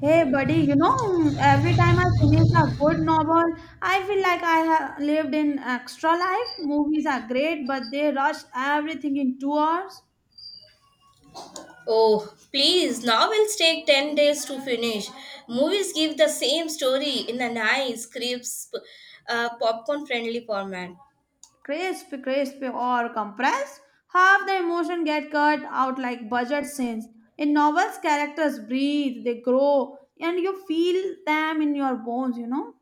Hey buddy, every time I finish a good novel, I feel like I have lived in extra life. Movies are great, but they rush everything in 2 hours. Oh, please, novels take 10 days to finish. Movies give the same story in a nice, crisp, popcorn friendly format. Crisp, or compressed. Half the emotion get cut out like budget scenes. In novels, characters breathe, they grow, and you feel them in your bones.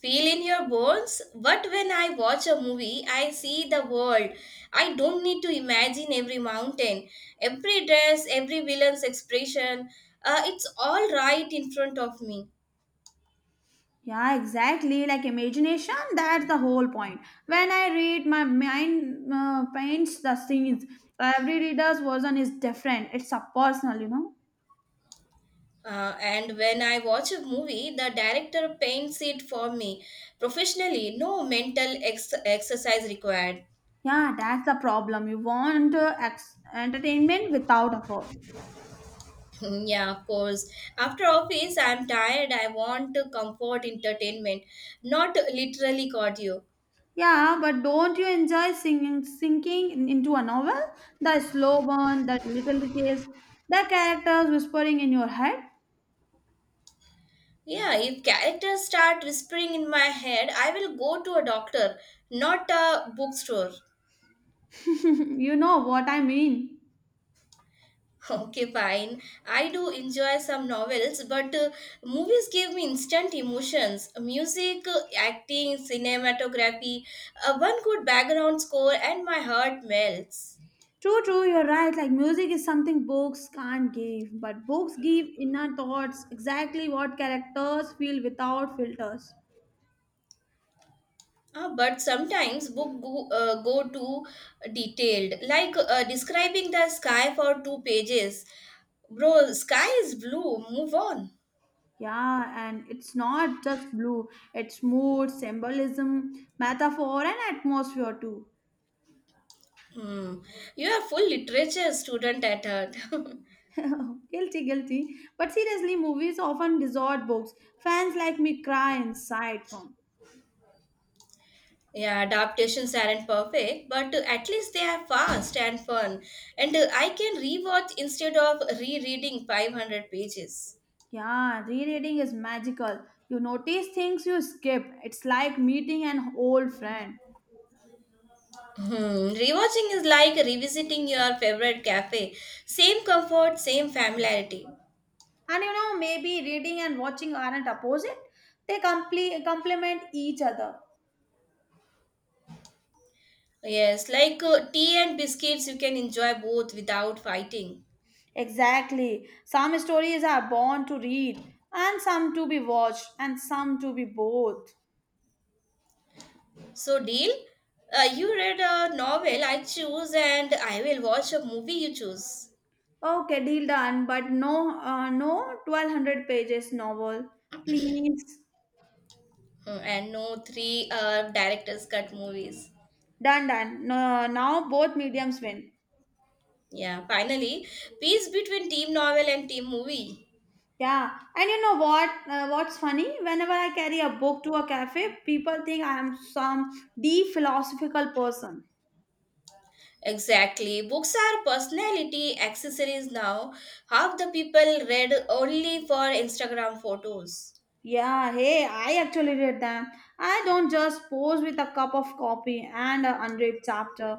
Feel in your bones, but when I watch a movie, I see the world. I don't need to imagine every mountain, every dress, every villain's expression. It's all right in front of me. Yeah, exactly. Like imagination, that's the whole point. When I read, my mind paints the scenes. Every reader's version is different. It's a personal. And when I watch a movie, the director paints it for me professionally. No mental exercise required. Yeah, that's the problem. You want entertainment without effort. Yeah, of course. After office, I'm tired. I want to comfort entertainment, not literally cardio. Yeah, but don't you enjoy singing, into a novel? The slow burn, the little details, the characters whispering in your head. Yeah, if characters start whispering in my head, I will go to a doctor, not a bookstore. you know what I mean. Okay, fine. I do enjoy some novels, but movies give me instant emotions. Music, acting, cinematography, one good background score, and my heart melts. True, you're right. Like music is something books can't give, but books give inner thoughts, exactly what characters feel without filters. But sometimes book go too detailed, like describing the sky for 2 pages. Bro, sky is blue. Move on. Yeah, and it's not just blue, it's mood, symbolism, metaphor, and atmosphere too. Hmm. You are full literature student at heart. Guilty. But seriously, movies often distort books. Fans like me cry inside from. Yeah, adaptations aren't perfect, but at least they are fast and fun. And I can rewatch instead of rereading 500 pages. Yeah, rereading is magical. You notice things you skip. It's like meeting an old friend. Hmm. Rewatching is like revisiting your favorite cafe. Same comfort, same familiarity. And you know, maybe reading and watching aren't opposite, they complement each other. Yes, like tea and biscuits, you can enjoy both without fighting. Exactly. Some stories are born to read, and some to be watched, and some to be both. So, deal? You read a novel I choose, and I will watch a movie you choose. Okay, deal done, but no 1200 pages novel. Please. Hmm, and no three director's cut movies. Done. No, now both mediums win. Yeah, finally, peace between team novel and team movie. Yeah, and you know what? What's funny? Whenever I carry a book to a cafe, people think I am some deep philosophical person. Exactly. Books are personality accessories now. Half the people read only for Instagram photos. Yeah, hey, I actually read them. I don't just pose with a cup of coffee and an unread chapter.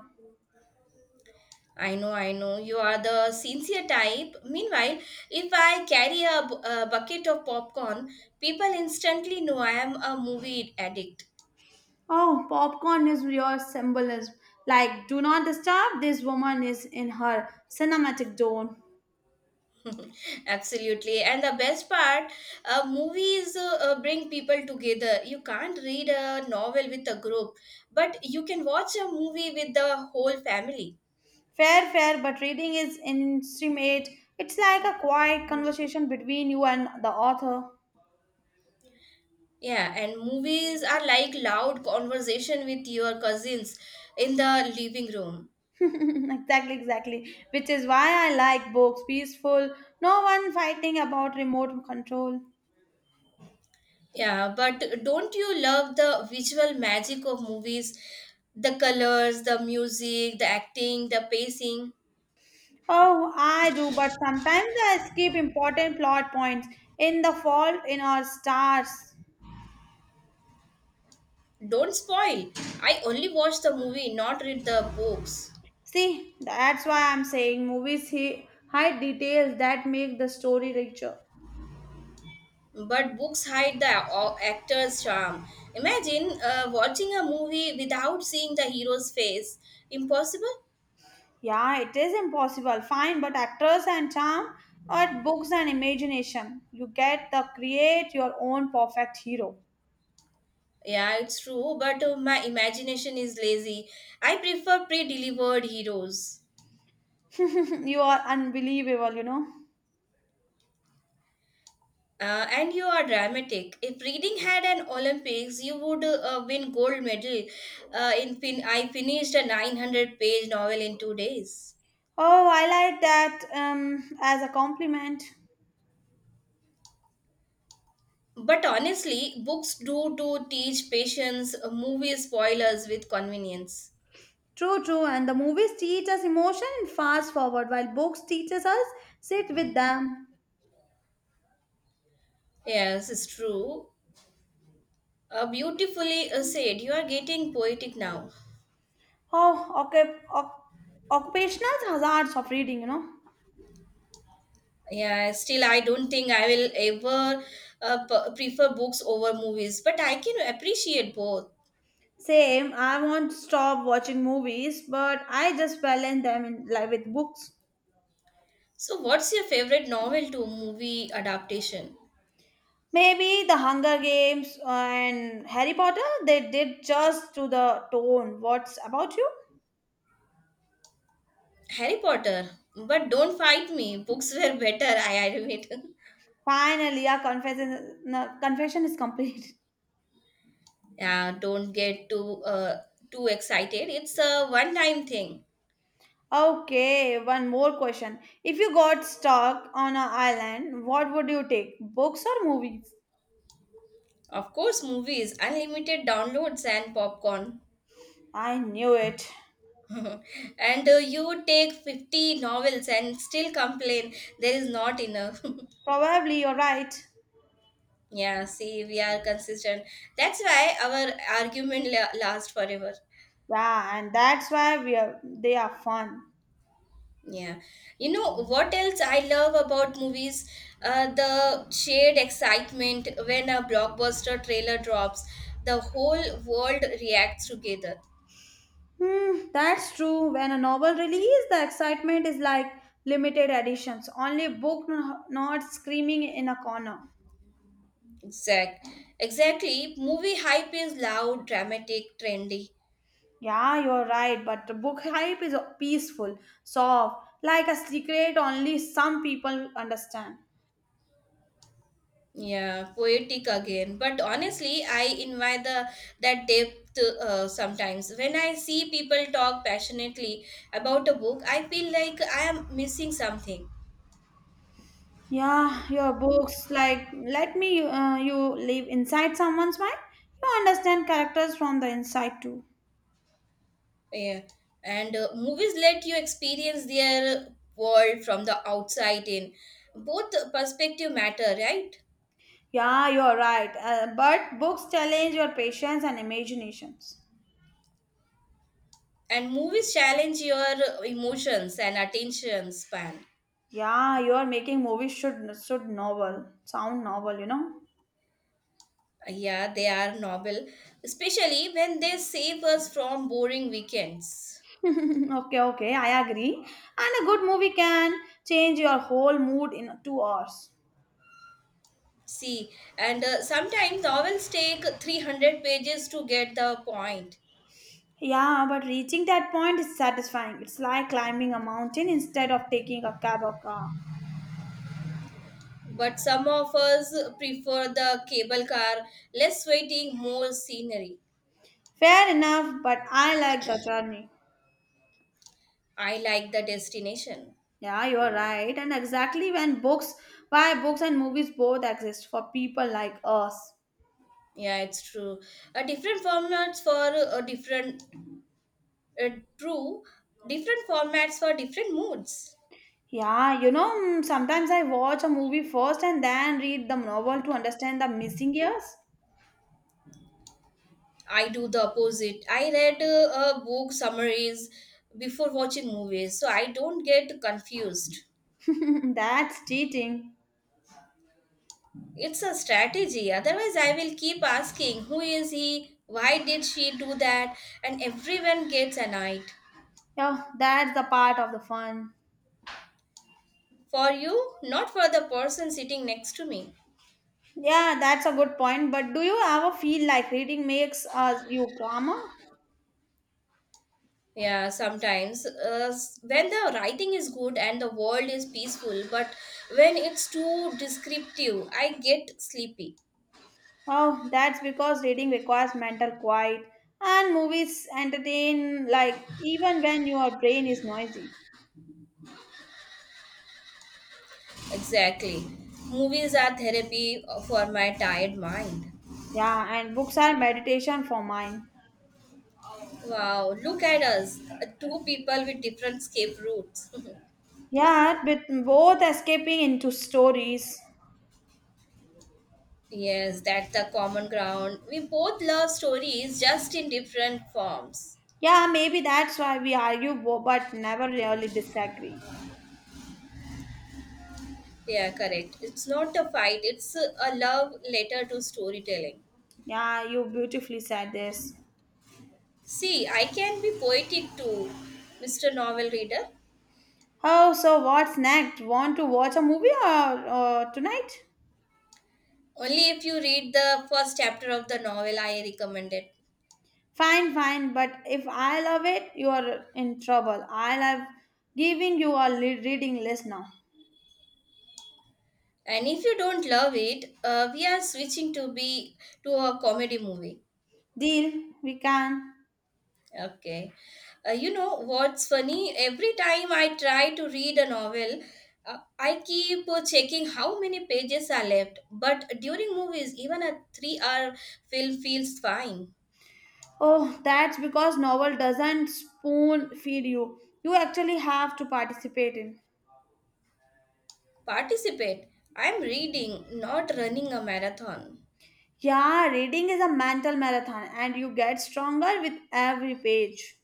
I know, I know. You are the sincere type. Meanwhile, if I carry a bucket of popcorn, people instantly know I am a movie addict. Oh, popcorn is your symbolism. Like, do not disturb, this woman is in her cinematic zone. Absolutely. And the best part, movies bring people together. You can't read a novel with a group, but you can watch a movie with the whole family. Fair, but reading is intimate. It's like a quiet conversation between you and the author. Yeah, and movies are like loud conversation with your cousins in the living room. Exactly. Which is why I like books. Peaceful, no one fighting about remote control. Yeah, but don't you love the visual magic of movies? The colors, the music, the acting, the pacing. Oh, I do, but sometimes I skip important plot points in the fault in our stars. Don't spoil. I only watch the movie, not read the books. See, that's why I'm saying movies hide details that make the story richer. But books hide the actor's charm. Imagine watching a movie without seeing the hero's face. Impossible? Yeah, it is impossible, fine, but actors and charm, but books and imagination. You get to create your own perfect hero. Yeah, it's true, but my imagination is lazy. I prefer pre delivered heroes. you are unbelievable, you know. And you are dramatic. If reading had an Olympics, you would win gold medal. I finished a 900-page novel in 2 days. Oh, I like that as a compliment. But honestly, books do to teach patience, movie spoilers with convenience. True. And the movies teach us emotion and fast forward, while books teaches us sit with them. Yes, it's true. Beautifully said. You are getting poetic now. Oh, okay. Occupational hazards of reading, you know. Yeah, still, I don't think I will ever prefer books over movies, but I can appreciate both. Same. I won't stop watching movies, but I just balance them in life with books. So, what's your favorite novel to movie adaptation? Maybe the Hunger Games and Harry Potter. They did just to the tone. What's about you? Harry Potter. But don't fight me. Books were better, I admit. Finally, our confession, no, confession is complete. Yeah, don't get too excited. It's a one time thing. Okay, one more question. If you got stuck on an island, what would you take? Books or movies? Of course, movies, unlimited downloads, and popcorn. I knew it. And you take 50 novels and still complain there is not enough Probably you're right. Yeah, see, we are consistent. That's why our argument lasts forever. Yeah, and that's why we are they are fun. Yeah, you know what else I love about movies, the shared excitement when a blockbuster trailer drops. The whole world reacts together. Hmm, that's true. When a novel release, the excitement is like limited editions. Only book not screaming in a corner. Exact exactly movie hype is loud, dramatic, trendy. Yeah, you're right, but the book hype is peaceful, soft, like a secret only some people understand. Yeah, poetic again. But honestly, I invite the that depth sometimes. When I see people talk passionately about a book, I feel like I am missing something. Yeah, your books like let me you live inside someone's mind. You understand characters from the inside too. Yeah, and movies let you experience their world from the outside in. Both perspective matter, right? Yeah, you're right. But books challenge your patience and imaginations. And movies challenge your emotions and attention span. Yeah, you're making movies should novel sound novel. You know. Yeah, they are novel, especially when they save us from boring weekends. Okay, I agree. And a good movie can change your whole mood in 2 hours. See, and sometimes novels take 300 pages to get the point. Yeah, but reaching that point is satisfying. It's like climbing a mountain instead of taking a cab or car. But some of us prefer the cable car, less waiting, more scenery. Fair enough, but I like the journey. I like the destination. Yeah, you're right. And exactly when books, why books and movies both exist for people like us. Yeah, it's true. Different formats for different, uh, True, different formats for different moods. Yeah, sometimes I watch a movie first and then read the novel to understand the missing years. I do the opposite. I read book summaries before watching movies, so I don't get confused. that's cheating. It's a strategy. Otherwise, I will keep asking, who is he? Why did she do that? And everyone gets annoyed. Yeah, that's the part of the fun. For you, not for the person sitting next to me. Yeah, that's a good point. But do you ever feel like reading makes us you calmer? Yeah, sometimes when the writing is good and the world is peaceful, but when it's too descriptive, I get sleepy. Oh, that's because reading requires mental quiet, and movies entertain like even when your brain is noisy. Exactly. Movies are therapy for my tired mind. Yeah, and books are meditation for mine. Wow, look at us, two people with different escape routes. Yeah, with both escaping into stories. Yes, that's the common ground. We both love stories just in different forms. Yeah, maybe that's why we argue, but never really disagree. Yeah, correct. It's not a fight, it's a love letter to storytelling. Yeah, you beautifully said this. See, I can be poetic too, Mr. Novel Reader. Oh, so what's next? Want to watch a movie or tonight? Only if you read the first chapter of the novel, I recommend it. Fine, but if I love it, you are in trouble. I love giving you a reading list now. And if you don't love it, we are switching to a comedy movie. Deal, we can. Okay. You know what's funny? Every time I try to read a novel, I keep checking how many pages are left. But during movies, even a 3-hour film feels fine. Oh, that's because novel doesn't spoon feed you. You actually have to participate in. Participate. I'm reading, not running a marathon. Yeah, reading is a mental marathon and you get stronger with every page.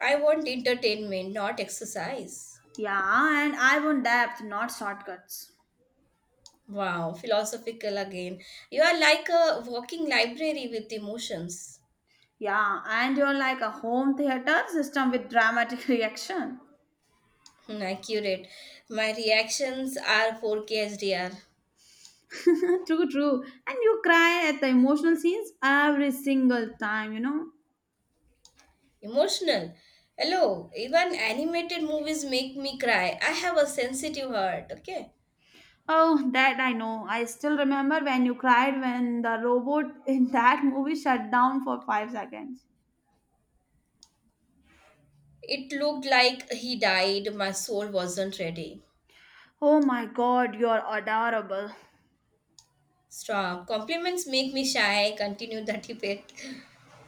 I want entertainment, not exercise. Yeah, and I want depth, not shortcuts. Wow, philosophical again. You are like a walking library with emotions. Yeah, and you're like a home theater system with dramatic reaction. Hmm, accurate. My reactions are 4K. True. And you cry at the emotional scenes every single time, you know. Emotional. Hello, even animated movies make me cry. I have a sensitive heart, okay? Oh, that I know. I still remember when you cried when the robot in that movie shut down for 5 seconds. It looked like he died, my soul wasn't ready. Oh my god, you're adorable. Strong. Compliments make me shy, continue the debate.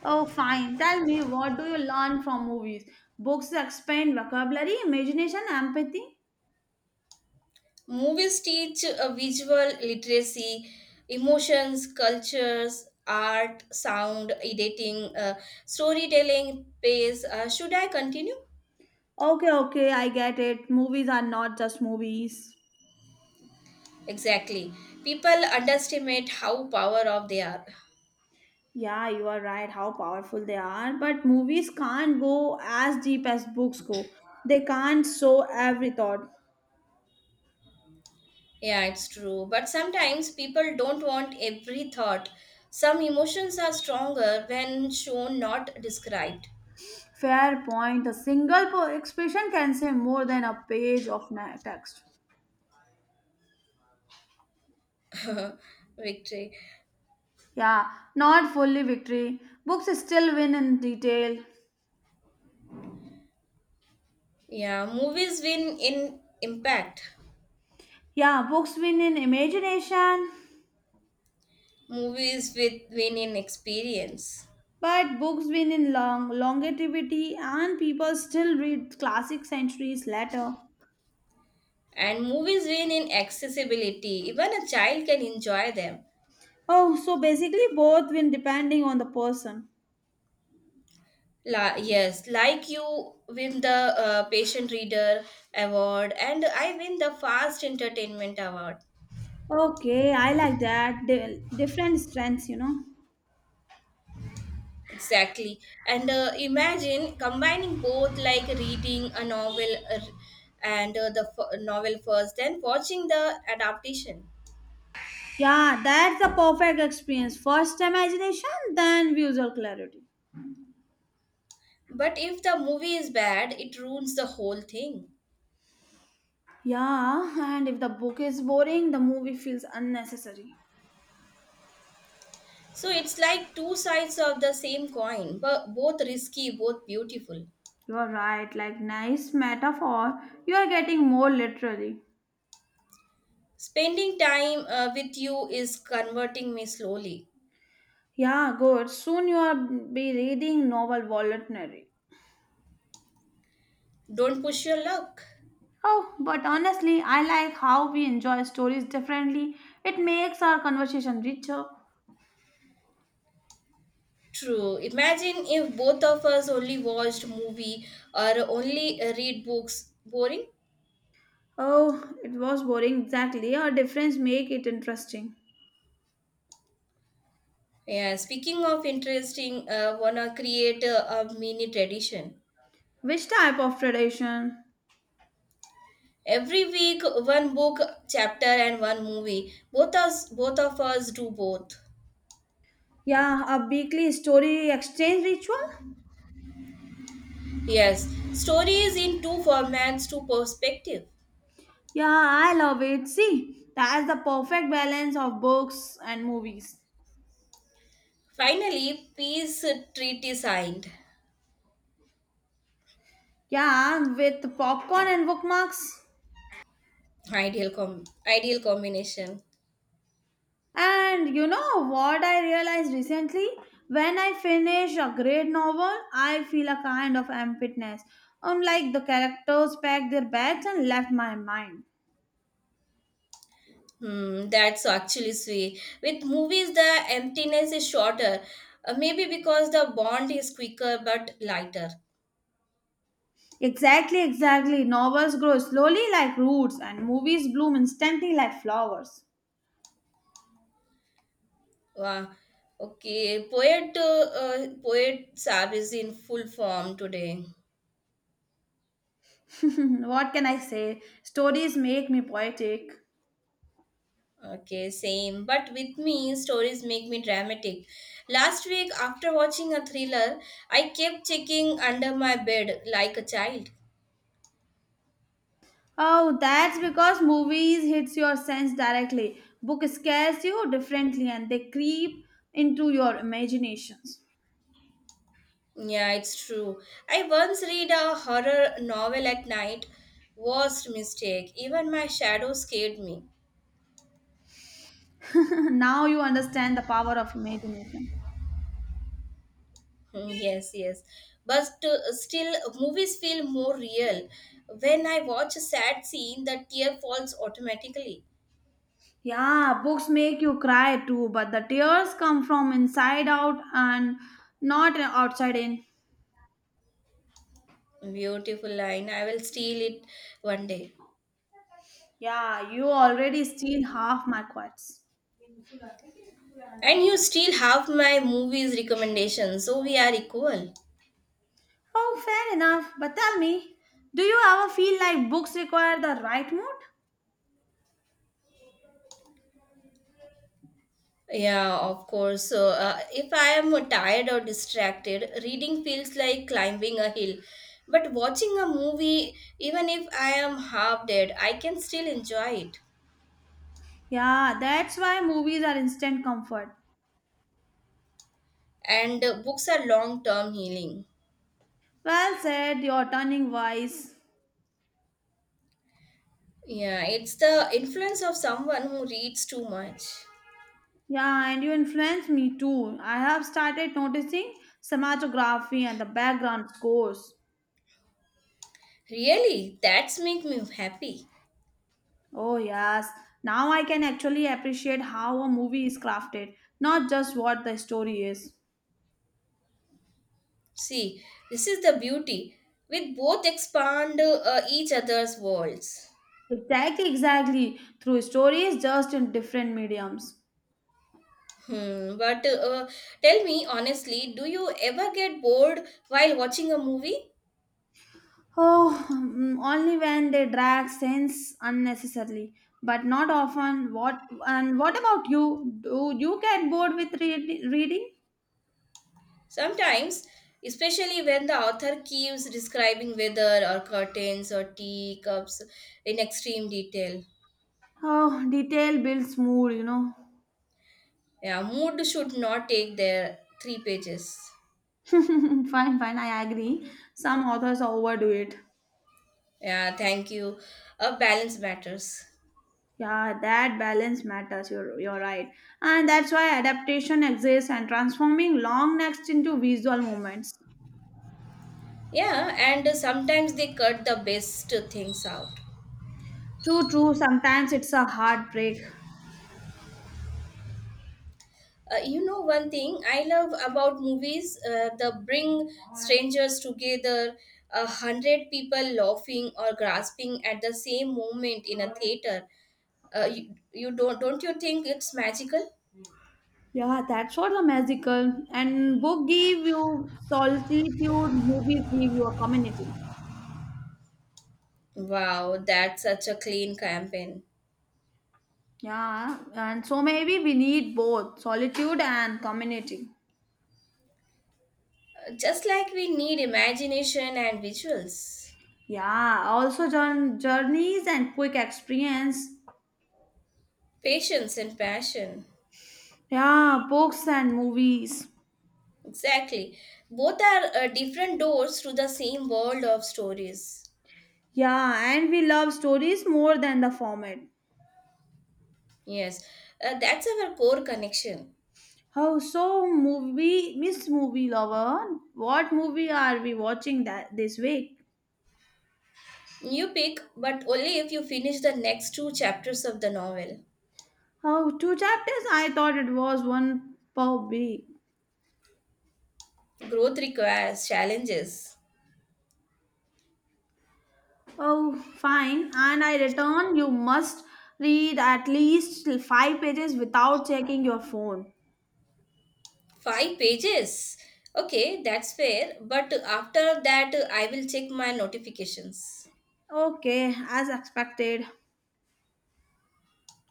Oh, fine. Tell me, what do you learn from movies? Books expand vocabulary, imagination, empathy? Movies teach a visual literacy, emotions, cultures, art, sound, editing, storytelling, pace. Should I continue? Okay, I get it. Movies are not just movies. Exactly. People underestimate how power of they are. Yeah, you are right, how powerful they are. But movies can't go as deep as books go. They can't show every thought. Yeah, it's true. But sometimes people don't want every thought. Some emotions are stronger when shown, not described. Fair point. A single expression can say more than a page of text. Victory. Yeah, not fully victory. Books still win in detail. Yeah, movies win in impact, Yeah, books win in imagination, movies with win in experience, but books win in longevity, and people still read classic centuries later. and movies win in accessibility. Even a child can enjoy them. Oh, so basically, both win depending on the person. Yes, like you win the patient reader award, and I win the fast entertainment award. Okay, I like that. Different strengths, you know. Exactly. And imagine combining both, like reading a novel and novel first, then watching the adaptation. Yeah, that's the perfect experience. First imagination, then visual clarity. But if the movie is bad, it ruins the whole thing. Yeah, and if the book is boring, the movie feels unnecessary. So it's like two sides of the same coin, but both risky, both beautiful. You're right, like nice metaphor. You are getting more literally. Spending time with you is converting me slowly. Yeah, good. Soon you are be reading novel voluntary. Don't push your luck. Oh, but honestly, I like how we enjoy stories differently. It makes our conversation richer. True. Imagine if both of us only watched movie or only read books. Boring? Oh, it was boring exactly. Our difference make it interesting. Yeah. Speaking of interesting, wanna create a mini tradition. Which type of tradition? Every week, one book chapter and one movie. Both of us do both. Yeah, a weekly story exchange ritual? Yes, stories in two formats, two perspective. Yeah, I love it. See, that's the perfect balance of books and movies. Finally, peace treaty signed. Yeah, with popcorn and bookmarks. Ideal combination. And you know what I realized recently? When I finish a great novel, I feel a kind of emptiness. Unlike the characters packed their bags and left my mind. Hmm, that's actually sweet. With movies, the emptiness is shorter. Maybe because the bond is quicker but lighter. Exactly. Novels grow slowly like roots, and movies bloom instantly like flowers. Wow. Okay, poet Sab is in full form today. what can I say? Stories make me poetic. Okay, same. But with me, stories make me dramatic. Last week, after watching a thriller, I kept checking under my bed like a child. Oh, that's because movies hits your sense directly. Book scares you differently, and they creep into your imaginations. Yeah, it's true. I once read a horror novel at night. Worst mistake. Even my shadow scared me. now you understand the power of imagination. Hmm, yes, yes. But still, movies feel more real. When I watch a sad scene, the tear falls automatically. Yeah, books make you cry too, but the tears come from inside out and not outside in. Beautiful line. I will steal it one day. Yeah, you already steal half my quotes. And you still have my movies recommendation, so we are equal. Oh, fair enough. But tell me, do you ever feel like books require the right mood? Yeah, of course. So, if I am tired or distracted, reading feels like climbing a hill. But watching a movie, even if I am half dead, I can still enjoy it. Yeah, that's why movies are instant comfort. And books are long term healing. Well said, you're turning wise. Yeah, it's the influence of someone who reads too much. Yeah, and you influence me too. I have started noticing cinematography and the background scores. Really, that's make me happy. Oh, yes. Now I can actually appreciate how a movie is crafted, not just what the story is. See, this is the beauty. We both expand each other's worlds. Exactly. Through stories, just in different mediums. Hmm, but tell me honestly, do you ever get bored while watching a movie? Oh, only when they drag sense unnecessarily, but not often. What and what about you? Do you get bored with reading? Sometimes, especially when the author keeps describing weather or curtains or tea cups in extreme detail. Oh, detail builds mood, you know. Yeah, mood should not take their 3 pages. Fine. I agree. Some authors overdo it. Yeah, thank you. A balance matters. Yeah, that balance matters. You're right, and that's why adaptation exists and transforming long text into visual moments. Yeah, and sometimes they cut the best things out. True. Sometimes it's a heartbreak. You know one thing I love about movies, the bring strangers together, 100 people laughing or grasping at the same moment in a theater. You don't you think it's magical? Yeah, that's what the magical. And book give you solitude, movies give you a community. Wow, that's such a clean campaign. Yeah, and so maybe we need both solitude and community. Just like we need imagination and visuals, Yeah, also journeys and quick experience. patience and passion. Yeah, books and movies. Exactly, both are different doors to the same world of stories. Yeah, and we love stories more than the format. Yes, that's our core connection. How so, movie, Miss Movie Lover? What movie are we watching that this week? You pick, but only if you finish the next two chapters of the novel. Oh, two chapters? I thought it was one per week. Growth requires challenges. Oh, fine. And I return, you must read at least five pages without checking your phone. 5 pages? Okay, that's fair, but after that, I will check my notifications. Okay, as expected.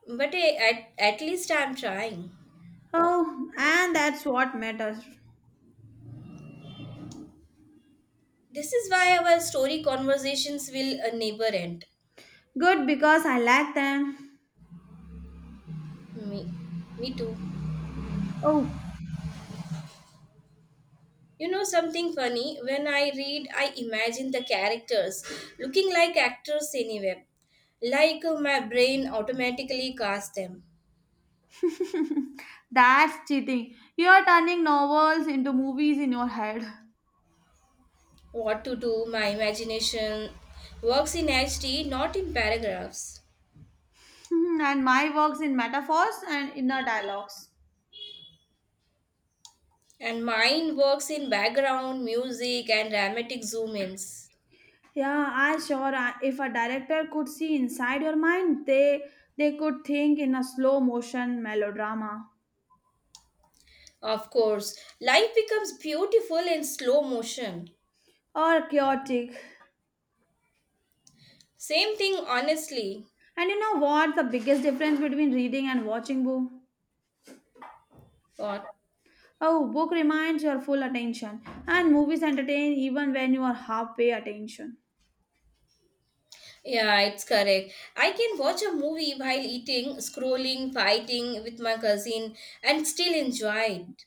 But at least I'm trying. Oh, and that's what matters. This is why our story conversations will never end. Good because I like them. Me, me too. Oh, You know something funny? When I read, I imagine the characters looking like actors anywhere. Like my brain automatically casts them. that's cheating. You're turning novels into movies in your head, What to do, my imagination works in HD, not in paragraphs. and my works in metaphors and inner dialogues. And mine works in background, music, and dramatic zoom ins. Yeah, I sure. If a director could see inside your mind, they could think in a slow motion melodrama Of course, life becomes beautiful in slow motion. or chaotic. Same thing, honestly. And you know what? The biggest difference between reading and watching book. What? Oh, book reminds your full attention, and movies entertain even when you are halfway attention. Yeah, it's correct. I can watch a movie while eating, scrolling, fighting with my cousin, and still enjoy it.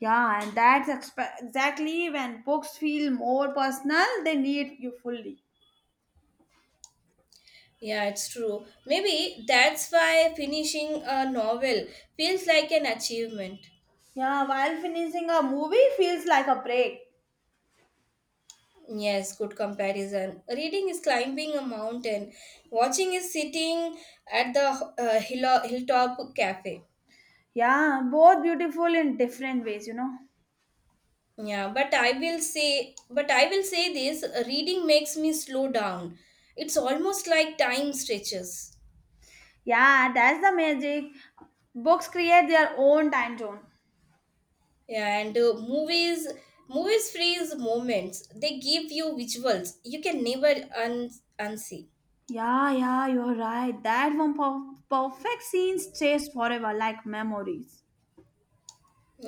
Yeah, and that's exactly when books feel more personal. They need you fully. Yeah, it's true. Maybe that's why finishing a novel feels like an achievement. Yeah, while finishing a movie feels like a break. Yes, good comparison. Reading is climbing a mountain, watching is sitting at the hilltop cafe. Yeah, both beautiful in different ways, you know. Yeah, but I will say this reading makes me slow down. It's almost like time stretches. Yeah, that's the magic. Books create their own time zone. Yeah, and movies freeze moments. They give you visuals you can never unsee. Yeah, you're right. That one perfect scenes stays forever like memories.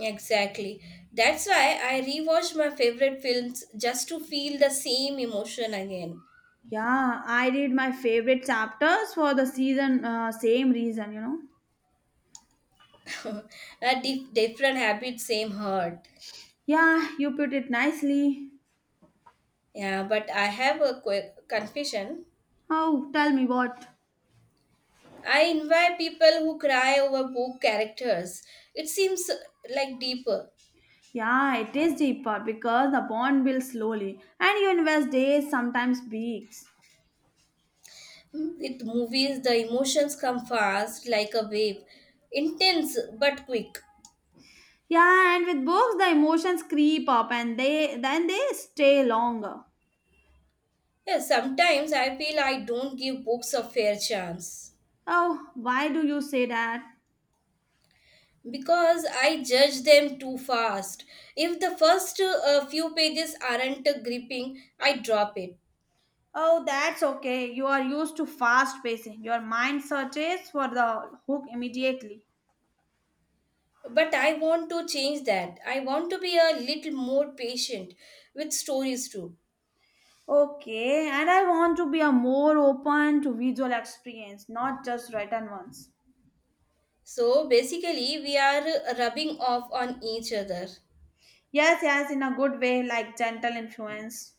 Exactly. That's why I rewatch my favorite films just to feel the same emotion again. Yeah, I read my favorite chapters for the season, same reason, you know. A different habit, same hurt. Yeah, you put it nicely. Yeah, but I have a quick confession. Oh, tell me what. I envy people who cry over book characters. It seems like deeper. Yeah, it is deeper because the bond builds slowly and you invest days, sometimes weeks. Hmm, with movies, the emotions come fast, like a wave, intense but quick. Yeah, and with books, the emotions creep up and they then they stay longer. Yeah, sometimes I feel I don't give books a fair chance. Oh, why do you say that? Because I judge them too fast. If the first few pages aren't gripping, I drop it. Oh, that's okay. You are used to fast pacing. Your mind searches for the hook immediately. But I want to change that. I want to be a little more patient with stories too. Okay, and I want to be a more open to visual experience, not just written ones. So basically, we are rubbing off on each other. Yes, in a good way, like gentle influence.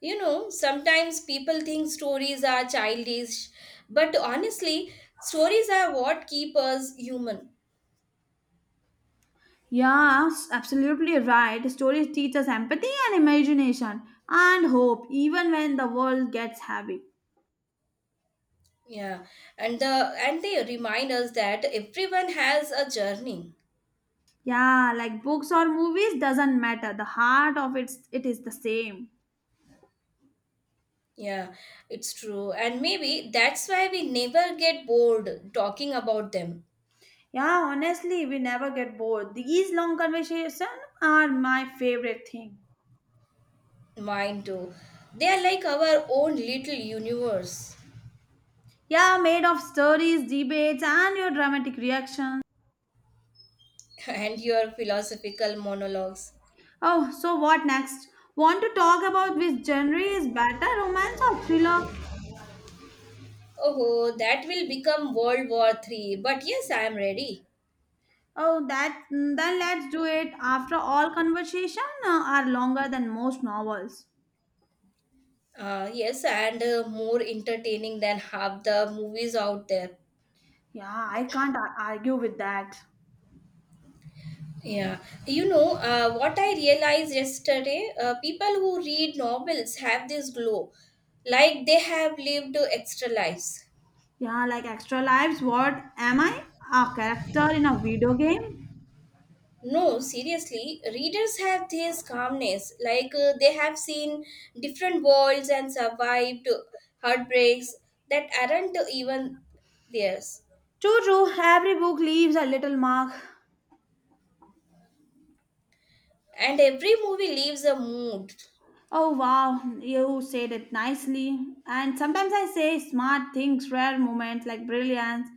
You know, sometimes people think stories are childish, but honestly, stories are what keep us human. Yeah, absolutely right. Stories teach us empathy and imagination and hope, even when the world gets heavy. Yeah, and the and they remind us that everyone has a journey. Yeah, like books or movies doesn't matter. The heart of it, it is the same. Yeah, it's true. And maybe that's why we never get bored talking about them. Yeah, honestly, we never get bored. These long conversations are my favorite thing. Mine too. They are like our own little universe. Yeah, made of stories, debates, and your dramatic reactions. And your philosophical monologues. Oh, so what next? Want to talk about which genre is better, romance or thriller? Oh, that will become World War III. But yes, I am ready. Oh, then let's do it. After all, conversation are longer than most novels. Yes, and more entertaining than half the movies out there. Yeah, I can't argue with that. Yeah, what I realized yesterday, people who read novels have this glow, like they have lived extra lives. Yeah, like Extra Lives, what am I? A character in a video game? No, seriously, readers have this calmness, like they have seen different worlds and survived heartbreaks that aren't even theirs. True. Every book leaves a little mark. And every movie leaves a mood. Oh wow, you said it nicely. And sometimes I say smart things, rare moments like brilliance.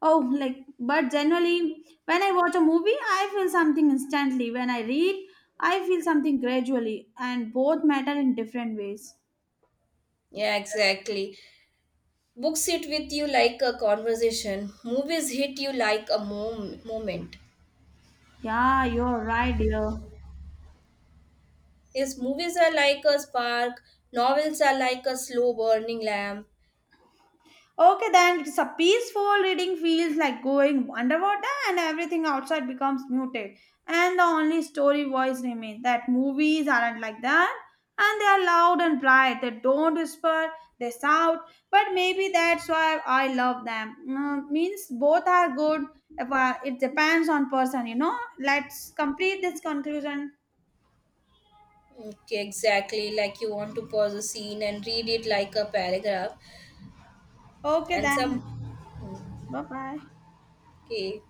Oh, like, but generally, when I watch a movie, I feel something instantly. When I read, I feel something gradually, and both matter in different ways. Yeah, exactly. Books sit with you like a conversation, movies hit you like a moment. Yeah, you're right, dear. Yes, movies are like a spark, novels are like a slow burning lamp. Okay, then it's a peaceful reading feels like going underwater and everything outside becomes muted. And the only story voice remains that movies aren't like that. And they are loud and bright. They don't whisper, they shout. But maybe that's why I love them. Mm, means both are good. If I- It depends on person, you know. Let's complete this conclusion. Okay, exactly. Like you want to pause a scene and read it like a paragraph. Okay, And some. then. Bye bye. Okay.